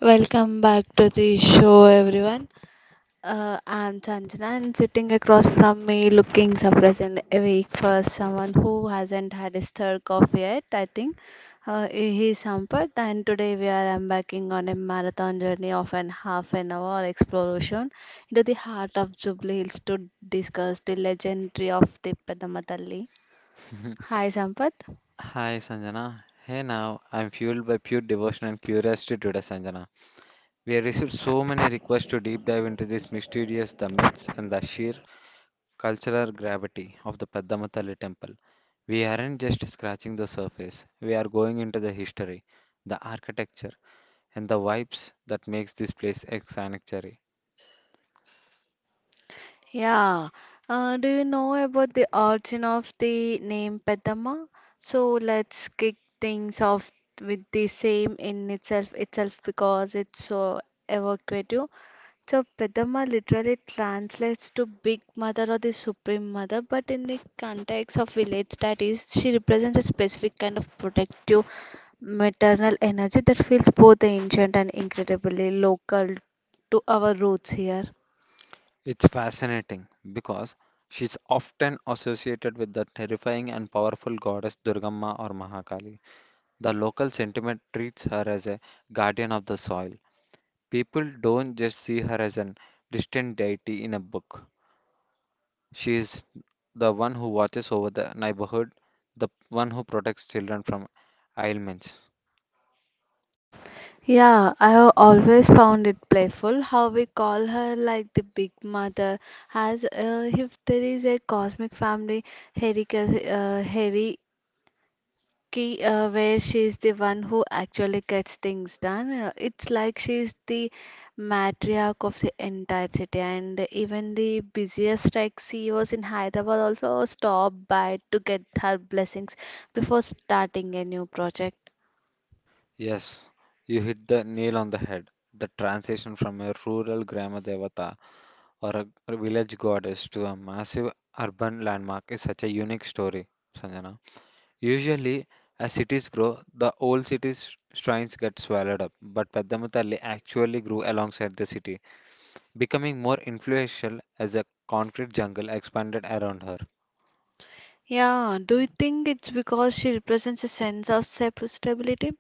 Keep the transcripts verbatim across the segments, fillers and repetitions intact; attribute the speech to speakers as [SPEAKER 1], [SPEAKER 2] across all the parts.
[SPEAKER 1] Welcome back to the show, everyone. Uh, I'm Chanchana, and sitting across from me, looking surprised and awake for someone who hasn't had his third coffee yet, I think. Uh, he's Sampath, and today we are embarking on a marathon journey of an half an hour exploration into the heart of Jubilee Hills to discuss the legendary of the Padamatali. Hi, Sampath.
[SPEAKER 2] Hi Sanjana. Hey now, I'm fueled by pure devotion and curiosity today, Sanjana. We have received so many requests to deep dive into this mysterious, the myths, and the sheer cultural gravity of the Padmamatali temple. We aren't just scratching the surface, we are going into the history, the architecture, and the vibes that makes this place a sanctuary.
[SPEAKER 1] Yeah. Uh, do you know about the origin of the name Petama? So let's kick things off with the same in itself itself because it's so evocative. So Petama literally translates to Big Mother or the Supreme Mother, but in the context of village studies, she represents a specific kind of protective maternal energy that feels both ancient and incredibly local to our roots here.
[SPEAKER 2] It's fascinating because she's often associated with the terrifying and powerful goddess Durgamma or Mahakali. The local sentiment treats her as a guardian of the soil. People don't just see her as an distant deity in a book. She is the one who watches over the neighborhood, the one who protects children from ailments.
[SPEAKER 1] Yeah, I have always found it playful how we call her like the Big Mother, as uh, if there is a cosmic family hierarchy, uh, hierarchy uh, where she is the one who actually gets things done. Uh, it's like she is the matriarch of the entire city, and even the busiest like C E Os in Hyderabad also stop by to get her blessings before starting a new project.
[SPEAKER 2] Yes, you hit the nail on the head. The transition from a rural grama devata or a village goddess to a massive urban landmark is such a unique story, Sanjana. Usually, as cities grow, the old city's shrines get swallowed up, but Peddamuthalli actually grew alongside the city, becoming more influential as a concrete jungle expanded around her.
[SPEAKER 1] Yeah, do you think it's because she represents a sense of sep- stability?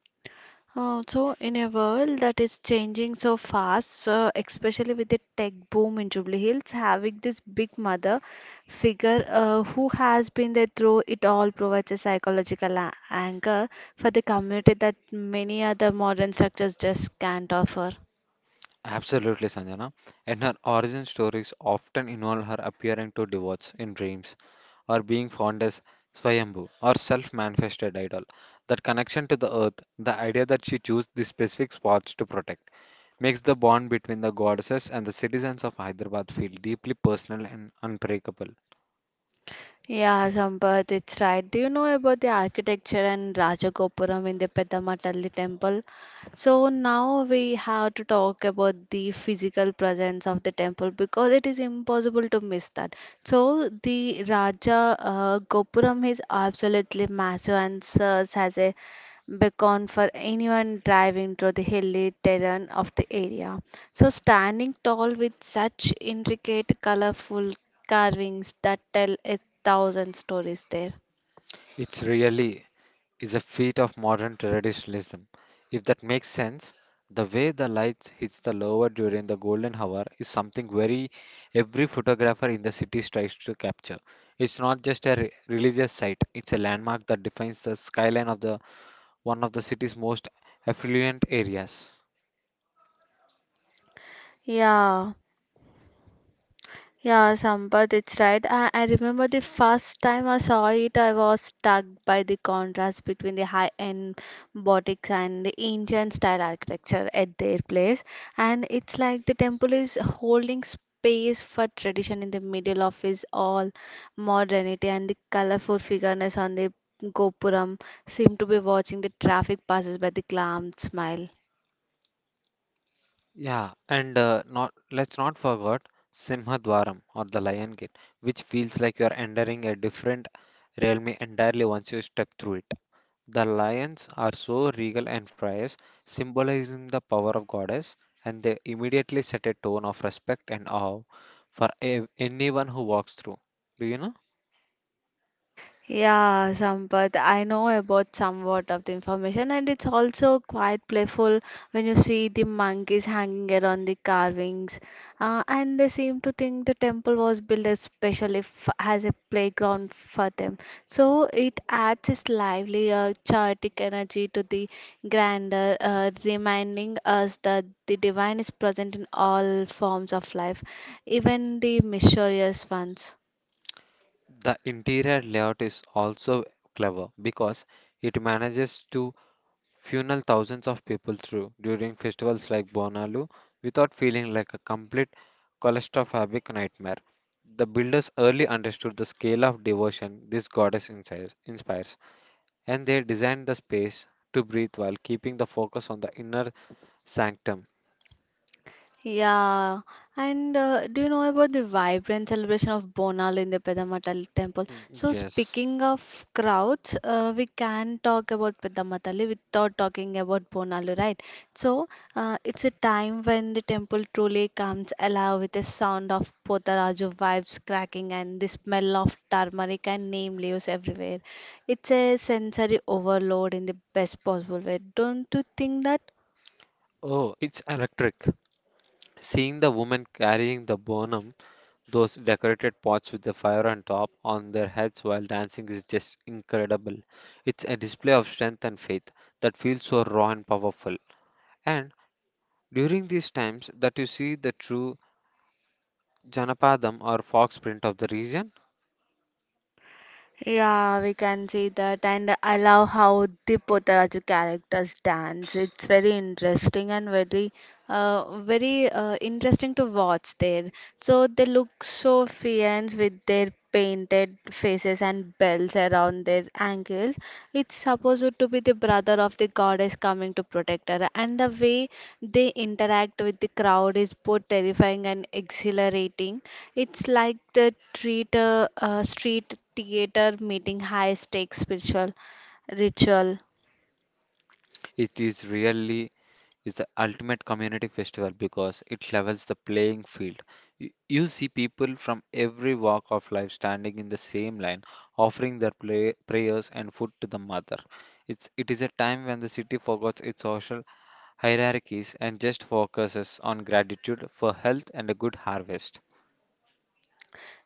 [SPEAKER 1] Uh, so, in a world that is changing so fast, uh, especially with the tech boom in Jubilee Hills, having this big mother figure uh, who has been there through it all provides a psychological a- anchor for the community that many other modern structures just can't offer.
[SPEAKER 2] Absolutely, Sanjana. And her origin stories often involve her appearing to devotees in dreams or being found as Swayambhu or self manifested idol. That connection to the earth, the idea that she chose these specific spots to protect makes the bond between the goddesses and the citizens of Hyderabad feel deeply personal and unbreakable.
[SPEAKER 1] Yeah, Sampath, it's right. Do you know about the architecture and Rajagopuram in the Peddamata Temple? So now we have to talk about the physical presence of the temple because it is impossible to miss that. So the Raja uh, Gopuram is absolutely massive and serves as a beacon for anyone driving through the hilly terrain of the area. So standing tall with such intricate, colorful carvings that tell a thousand stories there.
[SPEAKER 2] It really is a feat of modern traditionalism. If that makes sense, the way the lights hits the lower during the golden hour is something very every photographer in the city tries to capture. It's not just a re- religious site, it's a landmark that defines the skyline of the one of the city's most affluent areas.
[SPEAKER 1] Yeah. Yeah, Sampath, it's right. I, I remember the first time I saw it, I was struck by the contrast between the high-end boutiques and the ancient style architecture at their place. And it's like the temple is holding space for tradition in the middle of his all modernity, and the colorful figures on the Gopuram seem to be watching the traffic passes by the calm smile.
[SPEAKER 2] Yeah, and uh, not let's not forget Simhadwaram or the Lion Gate, which feels like you're entering a different realm entirely once you step through it. The lions are so regal and fierce, symbolizing the power of goddess, and they immediately set a tone of respect and awe for a- anyone who walks through. Do you know?
[SPEAKER 1] Yeah, Sampath, I know about somewhat of the information, and it's also quite playful when you see the monkeys hanging around the carvings. Uh, and they seem to think the temple was built especially f as a playground for them. So it adds this lively, uh, chaotic energy to the grandeur, uh, reminding us that the divine is present in all forms of life, even the mysterious ones.
[SPEAKER 2] The interior layout is also clever because it manages to funnel thousands of people through during festivals like Bonalu without feeling like a complete claustrophobic nightmare. The builders early understood the scale of devotion this goddess insi- inspires, and they designed the space to breathe while keeping the focus on the inner sanctum.
[SPEAKER 1] Yeah, and uh, do you know about the vibrant celebration of Bonal in the Peddamatal temple?
[SPEAKER 2] Mm,
[SPEAKER 1] So
[SPEAKER 2] yes.
[SPEAKER 1] speaking of crowds, uh, we can talk about Peddamatalli without talking about Bonalu, right? So uh, it's a time when the temple truly comes alive with the sound of Potaraju vibes cracking and the smell of turmeric and neem leaves everywhere. It's a sensory overload in the best possible way. Don't you think that?
[SPEAKER 2] Oh, it's electric. Seeing the woman carrying the bonum, those decorated pots with the fire on top on their heads while dancing is just incredible. It's a display of strength and faith that feels so raw and powerful. And during these times that you see the true Janapadam or fox print of the region,
[SPEAKER 1] Yeah, we can see that, and I love how the Potaraju characters dance. It's very interesting and very, uh, very uh, interesting to watch there. So they look so fierce with their painted faces and bells around their ankles. It's supposed to be the brother of the goddess coming to protect her, and the way they interact with the crowd is both terrifying and exhilarating. It's like the treat, uh, uh, street theater meeting high stakes spiritual ritual.
[SPEAKER 2] it is really is the ultimate community festival because it levels the playing field. You, you see people from every walk of life standing in the same line, offering their play, prayers and food to the mother. It's, it is a time when the city forgets its social hierarchies and just focuses on gratitude for health and a good harvest.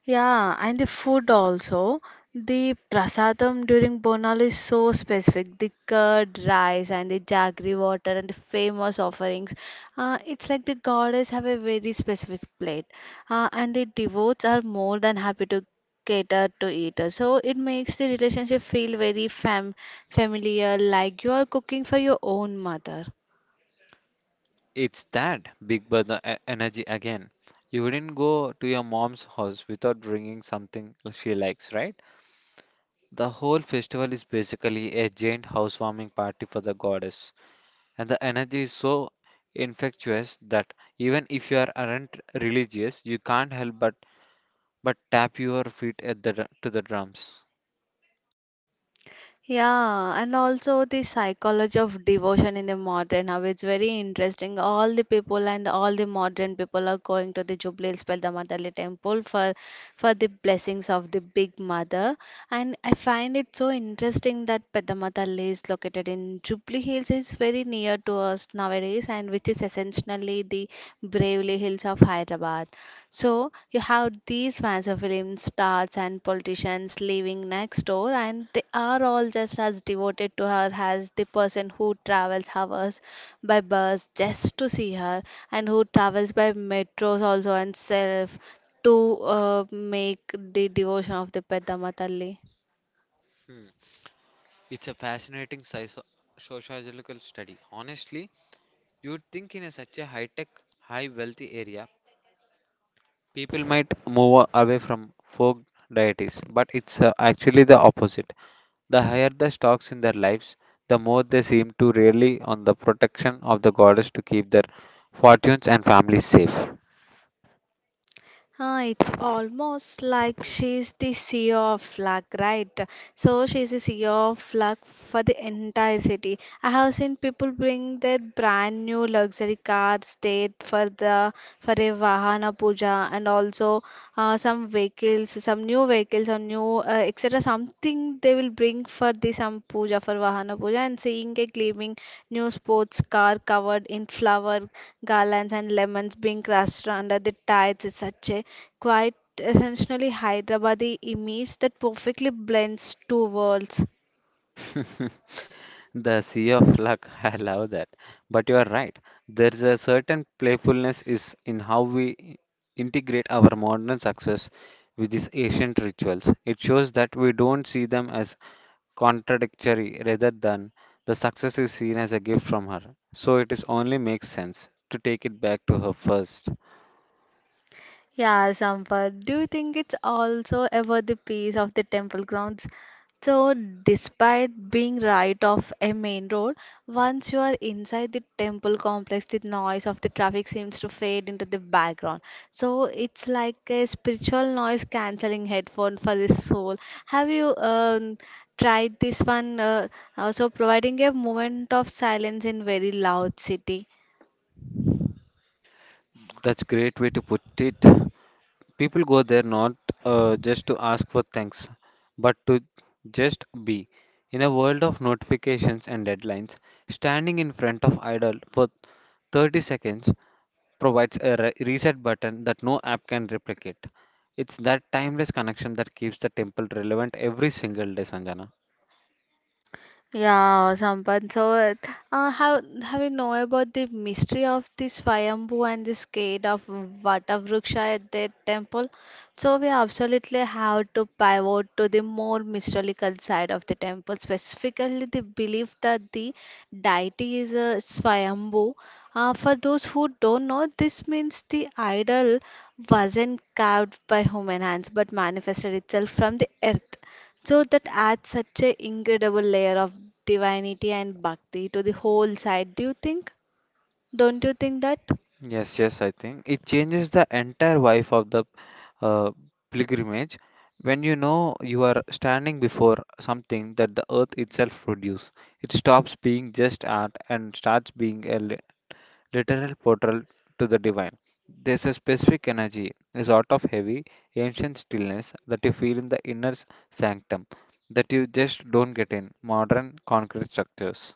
[SPEAKER 1] Yeah, and the food also. The prasadam during Bonal is so specific. The curd rice and the jaggery water and the famous offerings. Uh, it's like the goddess have a very specific plate, uh, and the devotees are more than happy to cater to it. So it makes the relationship feel very fam familiar, like you are cooking for your own mother.
[SPEAKER 2] It's that big brother e- energy again. You wouldn't go to your mom's house without bringing something she likes, right? The whole festival is basically a giant housewarming party for the goddess, and the energy is so infectious that even if you are- aren't religious, you can't help but but tap your feet at the dr- to the drums.
[SPEAKER 1] Yeah, and also the psychology of devotion in the modern how it's very interesting. All the people and all the modern people are going to the Jubilee Speldamatali temple for for the blessings of the Big Mother. And I find it so interesting that Pedamatali is located in Jubilee Hills. It's very near to us nowadays, and which is essentially the Bravely Hills of Hyderabad. So you have these massive film stars and politicians living next door, and they are all just as devoted to her as the person who travels hours by bus just to see her, and who travels by metros also and self to uh, make the devotion of the Peddama Talli.
[SPEAKER 2] Hmm. It's a fascinating socio- sociological study. Honestly, you'd think in a such a high-tech, high-wealthy area, people might move away from folk deities, but it's uh, actually the opposite. The higher the stocks in their lives, the more they seem to rely on the protection of the goddess to keep their fortunes and families safe.
[SPEAKER 1] Ah, it's almost like she's the C E O of luck, right? So she's the C E O of luck for the entire city. I have seen people bring their brand new luxury cars there for the for a Vahana puja and also uh, some vehicles, some new vehicles or new uh, et cetera. Something they will bring for the some puja for Vahana puja, and seeing a gleaming new sports car covered in flower garlands and lemons being crushed under the tides is such a quite essentially Hyderabadi image that perfectly blends two worlds.
[SPEAKER 2] The sea of luck, I love that. But you are right. There's a certain playfulness is in how we integrate our modern success with these ancient rituals. It shows that we don't see them as contradictory rather than the success is seen as a gift from her. So it is only makes sense to take it back to her first.
[SPEAKER 1] Yeah, Sampath, do you think it's also about the peace of the temple grounds? So, despite being right off a main road, once you are inside the temple complex, the noise of the traffic seems to fade into the background. So, it's like a spiritual noise cancelling headphone for the soul. Have you um, tried this one? Uh, also, providing a moment of silence in very loud city.
[SPEAKER 2] That's great way to put it. People go there not uh, just to ask for thanks, but to just be. In a world of notifications and deadlines, standing in front of idol for thirty seconds provides a re- reset button that no app can replicate. It's that timeless connection that keeps the temple relevant every single day, Sanjana.
[SPEAKER 1] Yeah, Sampath. So, uh, how have you know about the mystery of the Swayambhu and the skate of Vatavruksha at that temple? So, we absolutely have to pivot to the more mystical side of the temple, specifically the belief that the deity is a Swayambhu. Uh, for those who don't know, this means the idol wasn't carved by human hands but manifested itself from the earth. So that adds such a incredible layer of divinity and bhakti to the whole site, do you think? Don't you think that?
[SPEAKER 2] Yes, yes, I think it changes the entire vibe of the uh, pilgrimage when you know you are standing before something that the earth itself produces. It stops being just art and starts being a li- literal portal to the divine. There's a specific energy, a sort of heavy, ancient stillness that you feel in the inner s- sanctum that you just don't get in modern concrete structures.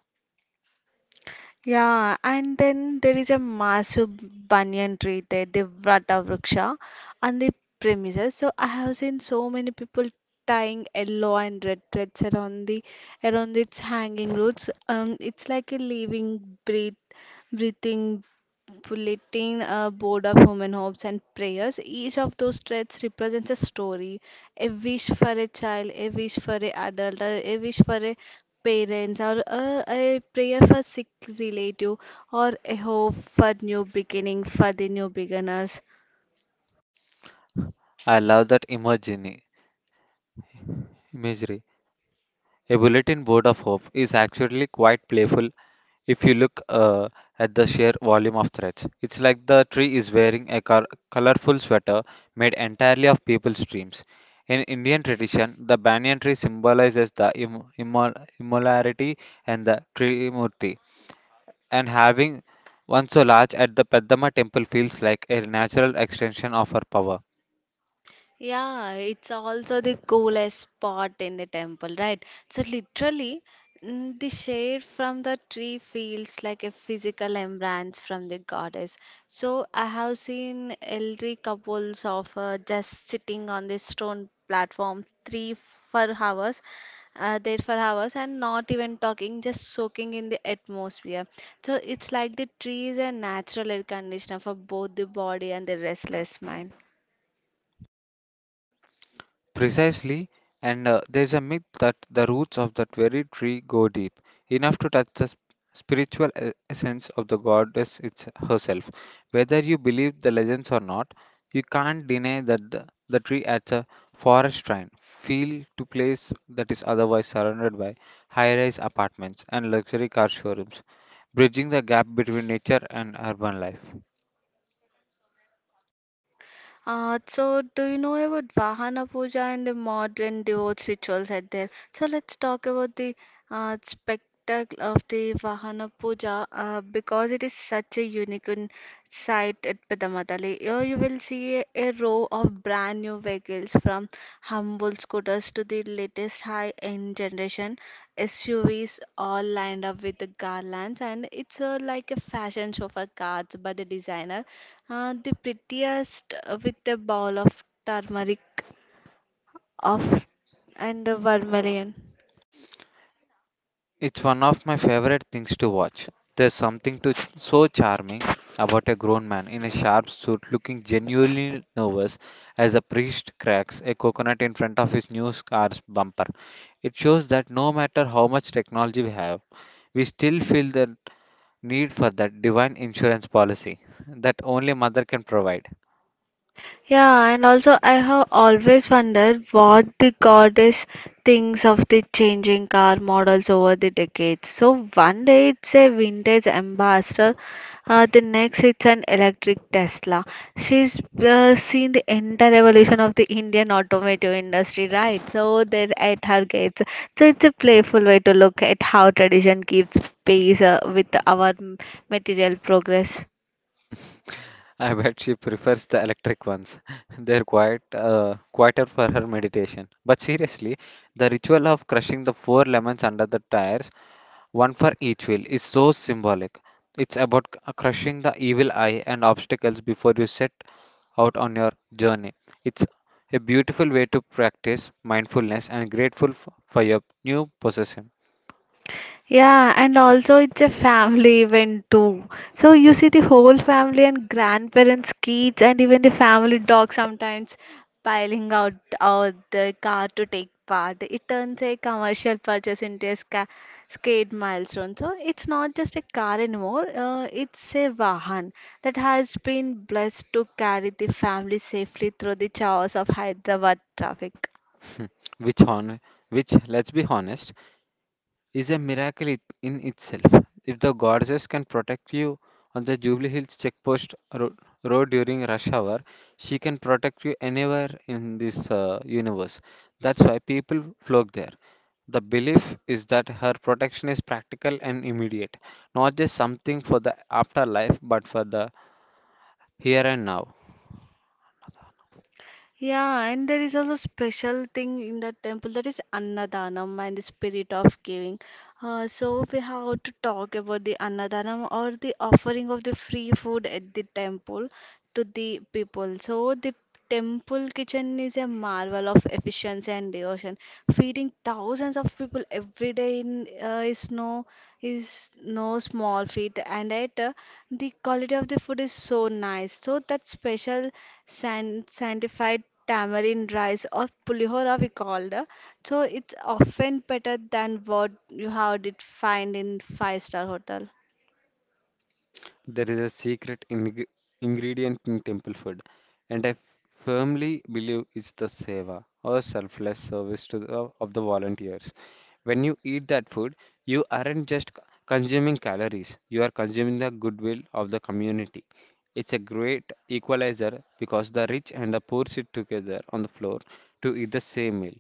[SPEAKER 1] Yeah, and then there is a massive banyan tree there, the Vrata Vriksha, on the premises. So I have seen so many people tying yellow and red threads around the around its hanging roots. Um, it's like a living, breath, breathing bulletin uh, board of human hopes and prayers. Each of those threads represents a story, a wish for a child, a wish for a adult, or a wish for a parents, or a, a prayer for sick relative, or a hope for new beginning for the new beginners.
[SPEAKER 2] I love that imagery. imagery. A bulletin board of hope is actually quite playful if you look uh, at the sheer volume of threads. It's like the tree is wearing a col- colorful sweater made entirely of people's dreams. In Indian tradition, the banyan tree symbolizes the im- immol- immolarity and the Trimurti, and having one so large at the Peddama temple feels like a natural extension of her power.
[SPEAKER 1] Yeah, it's also the coolest spot in the temple, right? So literally, mm, the shade from the tree feels like a physical embrace from the goddess. So I have seen elderly couples of uh, just sitting on the stone platform three for hours, uh, there for hours, and not even talking, just soaking in the atmosphere. So it's like the tree is a natural air conditioner for both the body and the restless mind.
[SPEAKER 2] Precisely, and uh, there's a myth that the roots of that very tree go deep, enough to touch the sp- spiritual e- essence of the goddess it's herself. Whether you believe the legends or not, you can't deny that the, the tree adds a forest shrine feel to place that is otherwise surrounded by high-rise apartments and luxury car showrooms, bridging the gap between nature and urban life.
[SPEAKER 1] Uh, so, do you know about Vahana Puja and the modern divorce rituals at there? So, let's talk about the uh, spectacle of the Vahana Puja uh, because it is such a unique sight at Pedamatali. Here, you will see a, a row of bright brand new vehicles from humble scooters to the latest high-end generation S U Vs all lined up with the garlands, and it's a, like a fashion show for cars by the designer uh, the prettiest uh, with a ball of turmeric of and the vermilion.
[SPEAKER 2] It's one of my favorite things to watch. There's something to, so charming about a grown man in a sharp suit looking genuinely nervous as a priest cracks a coconut in front of his new car's bumper. It shows that no matter how much technology we have, we still feel the need for that divine insurance policy that only mother can provide.
[SPEAKER 1] Yeah, and also I have always wondered what the goddess thinks of the changing car models over the decades. So one day it's a vintage ambassador, uh, the next it's an electric Tesla. She's uh, seen the entire evolution of the Indian automotive industry, right? So they're at her gates. So it's a playful way to look at how tradition keeps pace uh, with our m- material progress.
[SPEAKER 2] I bet she prefers the electric ones. They're quite uh, quieter for her meditation. But seriously, the ritual of crushing the four lemons under the tires, one for each wheel, is so symbolic. It's about c- uh, crushing the evil eye and obstacles before you set out on your journey. It's a beautiful way to practice mindfulness and grateful f- for your new possession.
[SPEAKER 1] Yeah, and also it's a family event too. So you see the whole family and grandparents, kids, and even the family dog sometimes piling out out the car to take part. It turns a commercial purchase into a ska skate milestone. So it's not just a car anymore. Uh, it's a vahan that has been blessed to carry the family safely through the chaos of Hyderabad traffic.
[SPEAKER 2] which on which let's be honest is a miracle it- in itself. If the goddess can protect you on the Jubilee Hills checkpost ro- road during rush hour, she can protect you anywhere in this uh, universe. That's why people flock there. The belief is that her protection is practical and immediate, not just something for the afterlife, but for the here and now.
[SPEAKER 1] Yeah, and there is also special thing in the temple that is Annadanam and the spirit of giving. Uh, so we have to talk about the Annadanam or the offering of the free food at the temple to the people. So the temple kitchen is a marvel of efficiency and devotion. Feeding thousands of people every day in, uh, is no is no small feat, and at uh, the quality of the food is so nice. So that special san- sanctified tamarind rice or pulihora we called, uh, so it's often better than what you had it find in five star hotel.
[SPEAKER 2] There is a secret ing ingredient in temple food, and I firmly believe it's the seva or selfless service to the, of the volunteers. When you eat that food, you aren't just c- consuming calories, you are consuming the goodwill of the community. It's a great equalizer because the rich and the poor sit together on the floor to eat the same meal.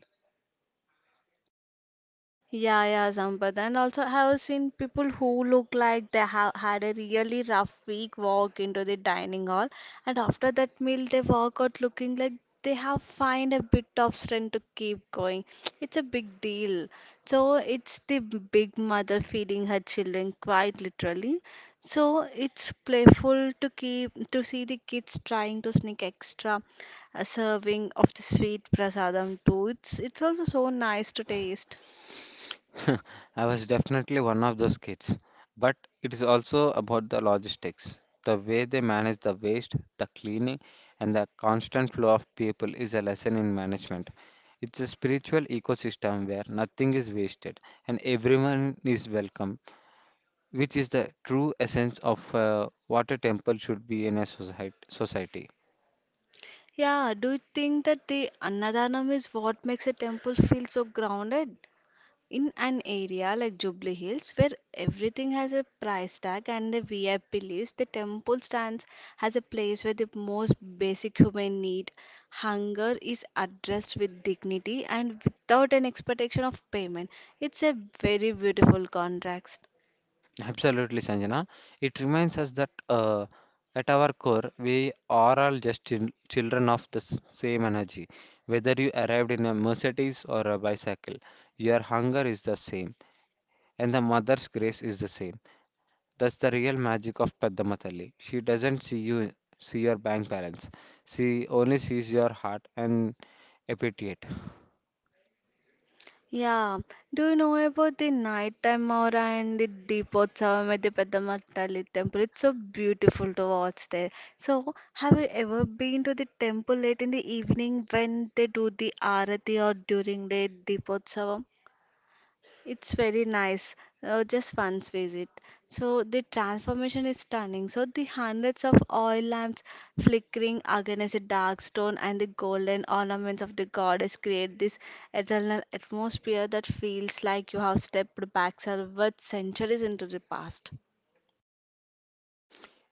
[SPEAKER 1] Yeah, yeah, Sampath. And also, I have seen people who look like they have had a really rough week walk into the dining hall, and after that meal, they walk out looking like they have find a bit of strength to keep going. It's a big deal. So it's the big mother feeding her children, quite literally. So it's playful to keep to see the kids trying to sneak extra a serving of the sweet prasadam too. It's it's also so nice to taste.
[SPEAKER 2] I was definitely one of those kids. But it is also about the logistics. The way they manage the waste, the cleaning, and the constant flow of people is a lesson in management. It's a spiritual ecosystem where nothing is wasted and everyone is welcome, which is the true essence of uh, what a temple should be in a society. society.
[SPEAKER 1] Yeah, do you think that the Annadanam is what makes a temple feel so grounded? In an area like Jubilee Hills, where everything has a price tag and a V I P list, the temple stands as a place where the most basic human need, hunger, is addressed with dignity and without an expectation of payment. It's a very beautiful contrast.
[SPEAKER 2] Absolutely, Sanjana. It reminds us that uh, at our core, we are all just chil- children of the s- same energy. Whether you arrived in a Mercedes or a bicycle, your hunger is the same, and the mother's grace is the same. That's the real magic of Peddama Thalli. She doesn't see you, see your bank balance. She only sees your heart and appetite.
[SPEAKER 1] Yeah. Do you know about the nighttime aura and the Deepotsavamedi the Tali temple? It's so beautiful to watch there. So, have you ever been to the temple late in the evening when they do the arati or during the Deepotsavam? It's very nice. Uh, just once visit. So the transformation is stunning. So the hundreds of oil lamps flickering against the dark stone and the golden ornaments of the goddess create this eternal atmosphere that feels like you have stepped back several centuries into the past.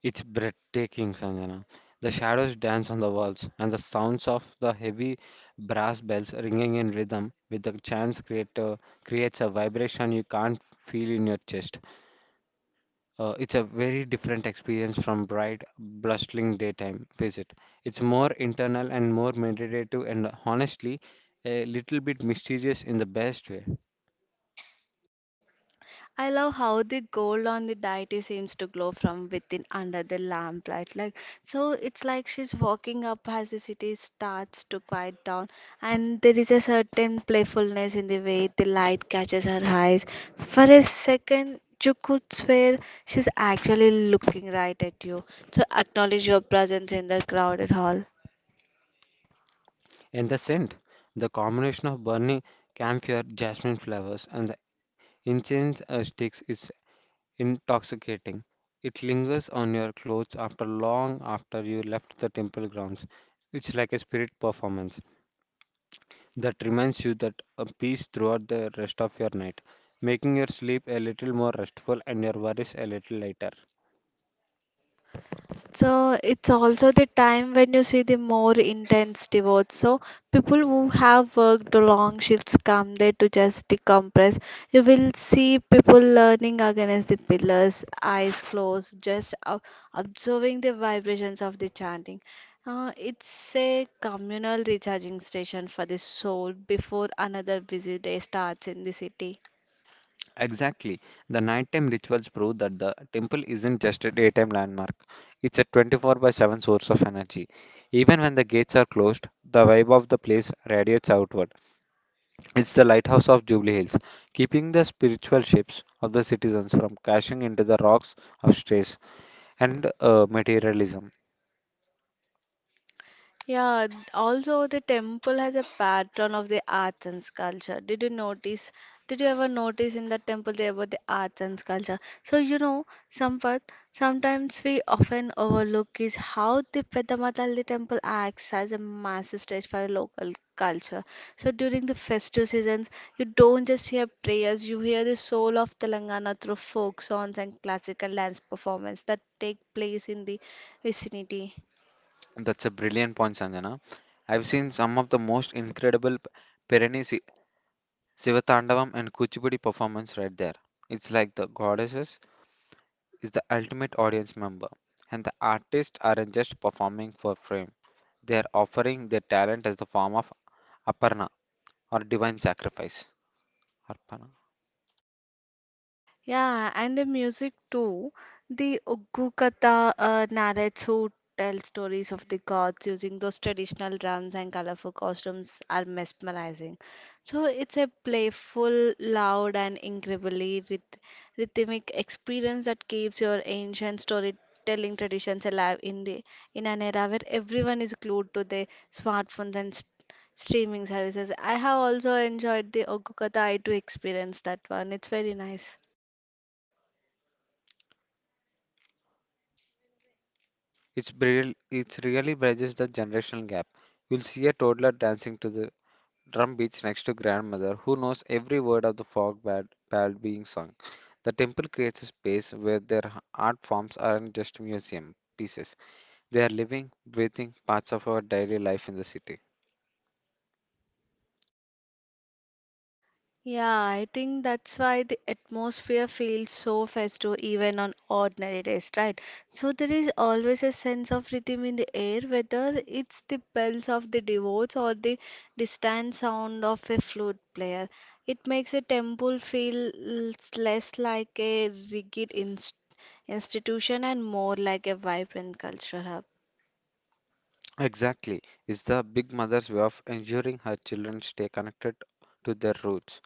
[SPEAKER 2] It's breathtaking, Sanjana. The shadows dance on the walls, and the sounds of the heavy brass bells ringing in rhythm with the chants creator creates a vibration you can't feel in your chest. Uh, it's a very different experience from bright, blustering daytime visit. It's more internal and more meditative, and honestly, a little bit mysterious in the best way.
[SPEAKER 1] I love how the gold on the deity seems to glow from within under the lamplight. Like so, it's like she's walking up as the city starts to quiet down, and there is a certain playfulness in the way the light catches her eyes. For a second, you could swear she's actually looking right at you. So acknowledge your presence in the crowded hall.
[SPEAKER 2] And the scent, the combination of burning camphor, jasmine flowers, and the incense uh, sticks is intoxicating. It lingers on your clothes after long after you left the temple grounds. It's like a spirit performance that reminds you that a peace throughout the rest of your night, making your sleep a little more restful and your worries a little lighter.
[SPEAKER 1] So it's also the time when you see the more intense devotes. So people who have worked the long shifts come there to just decompress. You will see people leaning against the pillars, eyes closed, just ob- observing the vibrations of the chanting. Uh, it's a communal recharging station for the soul before another busy day starts in the city.
[SPEAKER 2] Exactly. The nighttime rituals prove that the temple isn't just a daytime landmark. It's a twenty-four by seven source of energy. Even when the gates are closed, the vibe of the place radiates outward. It's the lighthouse of Jubilee Hills, keeping the spiritual ships of the citizens from crashing into the rocks of stress and uh, materialism.
[SPEAKER 1] Yeah, th- also the temple has a pattern of the arts and culture. Did you notice? Did you ever notice in the temple there were the arts and culture? So you know, Sampath, sometimes we often overlook is how the Peddamatalli temple acts as a massive stage for a local culture. So during the festive seasons, you don't just hear prayers, you hear the soul of Telangana through folk songs and classical dance performance that take place in the vicinity.
[SPEAKER 2] That's a brilliant point, Sanjana. I've seen some of the most incredible Pirani Si- Sivatandavam and Kuchipudi performance right there. It's like the goddesses is the ultimate audience member, and the artists aren't just performing for fame. They are offering their talent as the form of aparna or divine sacrifice. Arpana.
[SPEAKER 1] Yeah, and the music too. The Uggukatha, uh, narrates who tell stories of the gods using those traditional drums and colorful costumes are mesmerizing. So it's a playful, loud, and incredibly ryth- rhythmic experience that keeps your ancient storytelling traditions alive in the in an era where everyone is glued to their smartphones and st streaming services. I have also enjoyed the Oggukatha I too experience that one. It's very nice.
[SPEAKER 2] It's real, it's really bridges the generational gap. You'll see a toddler dancing to the drum beats next to grandmother who knows every word of the folk bad, ballad being sung. The temple creates a space where their h- art forms aren't just museum pieces. They are living, breathing parts of our daily life in the city.
[SPEAKER 1] Yeah, I think that's why the atmosphere feels so festive even on ordinary days, right? So there is always a sense of rhythm in the air, whether it's the bells of the devotees or the distant sound of a flute player. It makes a temple feel l- less like a rigid inst institution and more like a vibrant cultural hub.
[SPEAKER 2] Exactly. It's the big mother's way of ensuring her children stay connected to their roots.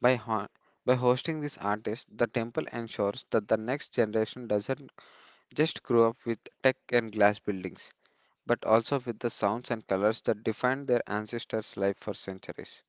[SPEAKER 2] By, ho- by hosting these artists, the temple ensures that the next generation doesn't just grew up with tech and glass buildings, but also with the sounds and colors that defined their ancestors' life for centuries.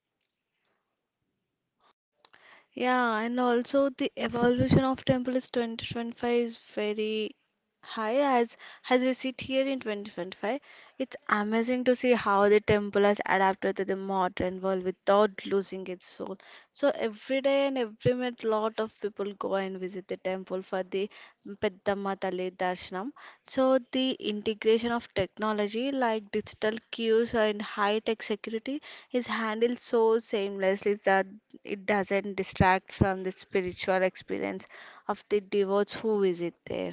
[SPEAKER 1] Yeah, and also the evolution of temple is twenty twenty-five is very high as as we sit here in twenty twenty-five. It's amazing to see how the temple has adapted to the modern world without losing its soul. So every day and every minute, lot of people go and visit the temple for the Peddamma Tali Darshanam. So the integration of technology like digital cues and high-tech security is handled so seamlessly that it doesn't distract from the spiritual experience of the devotees who visit there.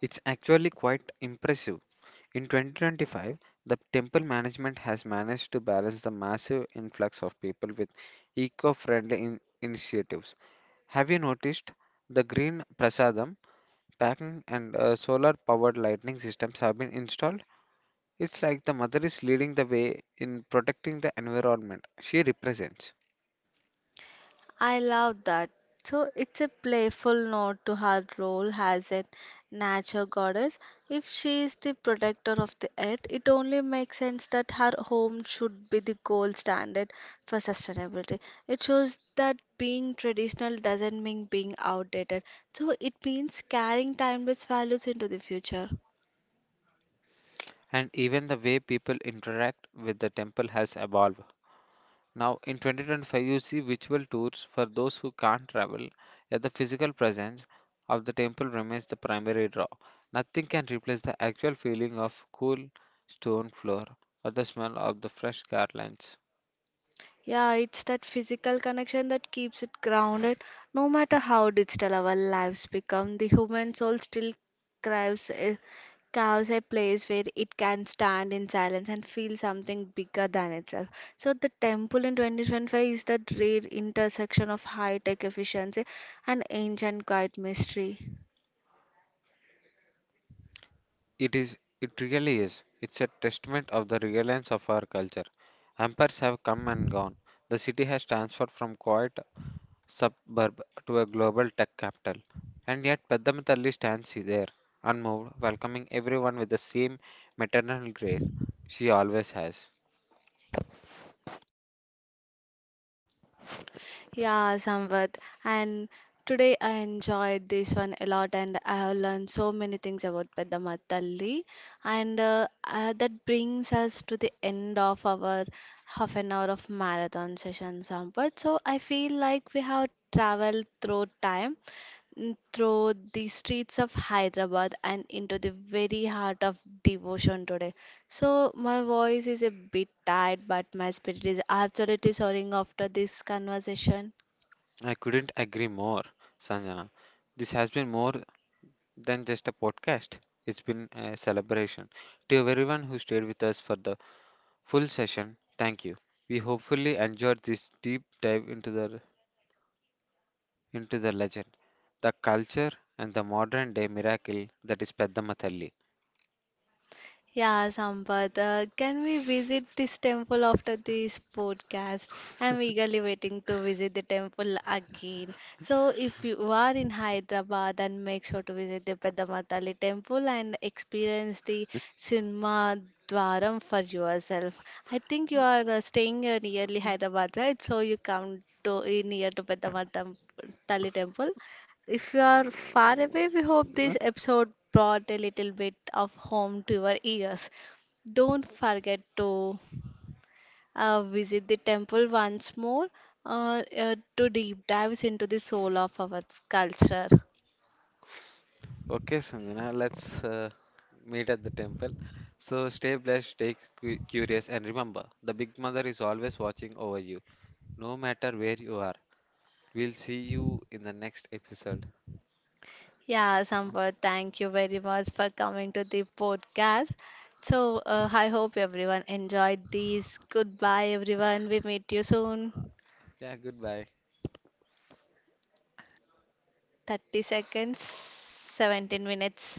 [SPEAKER 2] It's actually quite impressive. In twenty twenty-five, the temple management has managed to balance the massive influx of people with eco friendly in- initiatives. Have you noticed the green prasadam? Packing and solar powered lighting systems have been installed. It's like the mother is leading the way in protecting the environment she represents.
[SPEAKER 1] I love that. So it's a playful nod to her role as a nature goddess. If she is the protector of the earth, it only makes sense that her home should be the gold standard for sustainability. It shows that being traditional doesn't mean being outdated. So it means carrying timeless values into the future.
[SPEAKER 2] And even the way people interact with the temple has evolved. Now, in twenty twenty-five, you see virtual tours for those who can't travel, yet the physical presence of the temple remains the primary draw. Nothing can replace the actual feeling of cool stone floor or the smell of the fresh garlands.
[SPEAKER 1] Yeah, it's that physical connection that keeps it grounded. No matter how digital our lives become, the human soul still craves a, craves a place where it can stand in silence and feel something bigger than itself. So, the temple in twenty twenty-five is that rare intersection of high tech efficiency and ancient quiet mystery.
[SPEAKER 2] It is, it really is. It's a testament of the relevance of our culture. Empires have come and gone. The city has transformed from quiet suburb to a global tech capital. And yet, Peddamatalli stands there, unmoved, welcoming everyone with the same maternal grace she always has.
[SPEAKER 1] Yeah, Samvat. And today I enjoyed this one a lot and I have learned so many things about Peddama Talli. And uh, uh, that brings us to the end of our half an hour of marathon session, Samvat. So I feel like we have traveled through time, mm, through the streets of Hyderabad and into the very heart of devotion today. So my voice is a bit tired, but my spirit is absolutely soaring after this conversation.
[SPEAKER 2] I couldn't agree more, Sanjana. This has been more than just a podcast, it's been a celebration. To everyone who stayed with us for the full session, thank you. We hopefully enjoyed this deep dive into the into the legend, the culture, and the modern day miracle that is Peddamatalli.
[SPEAKER 1] Yeah, Sampath, uh, can we visit this temple after this podcast? I'm eagerly waiting to visit the temple again. So, if you are in Hyderabad, then make sure to visit the Pedamatali temple and experience the Sinma Dwaram for yourself. I think you are uh, staying uh, nearly Hyderabad, right? So, you come to uh, near to Pedamatali temple. If you are far away, we hope this episode brought a little bit of home to your ears. Don't forget to uh, visit the temple once more uh, uh, to deep dives into the soul of our culture.
[SPEAKER 2] Okay, Sanjana, let's uh, meet at the temple. So stay blessed, stay cu- curious, and remember, the Big Mother is always watching over you, no matter where you are. We'll see you in the next episode.
[SPEAKER 1] Yeah, Sampath, thank you very much for coming to the podcast. So, uh, I hope everyone enjoyed these. Goodbye, everyone. We meet you soon.
[SPEAKER 2] Yeah, goodbye.
[SPEAKER 1] thirty seconds, seventeen minutes.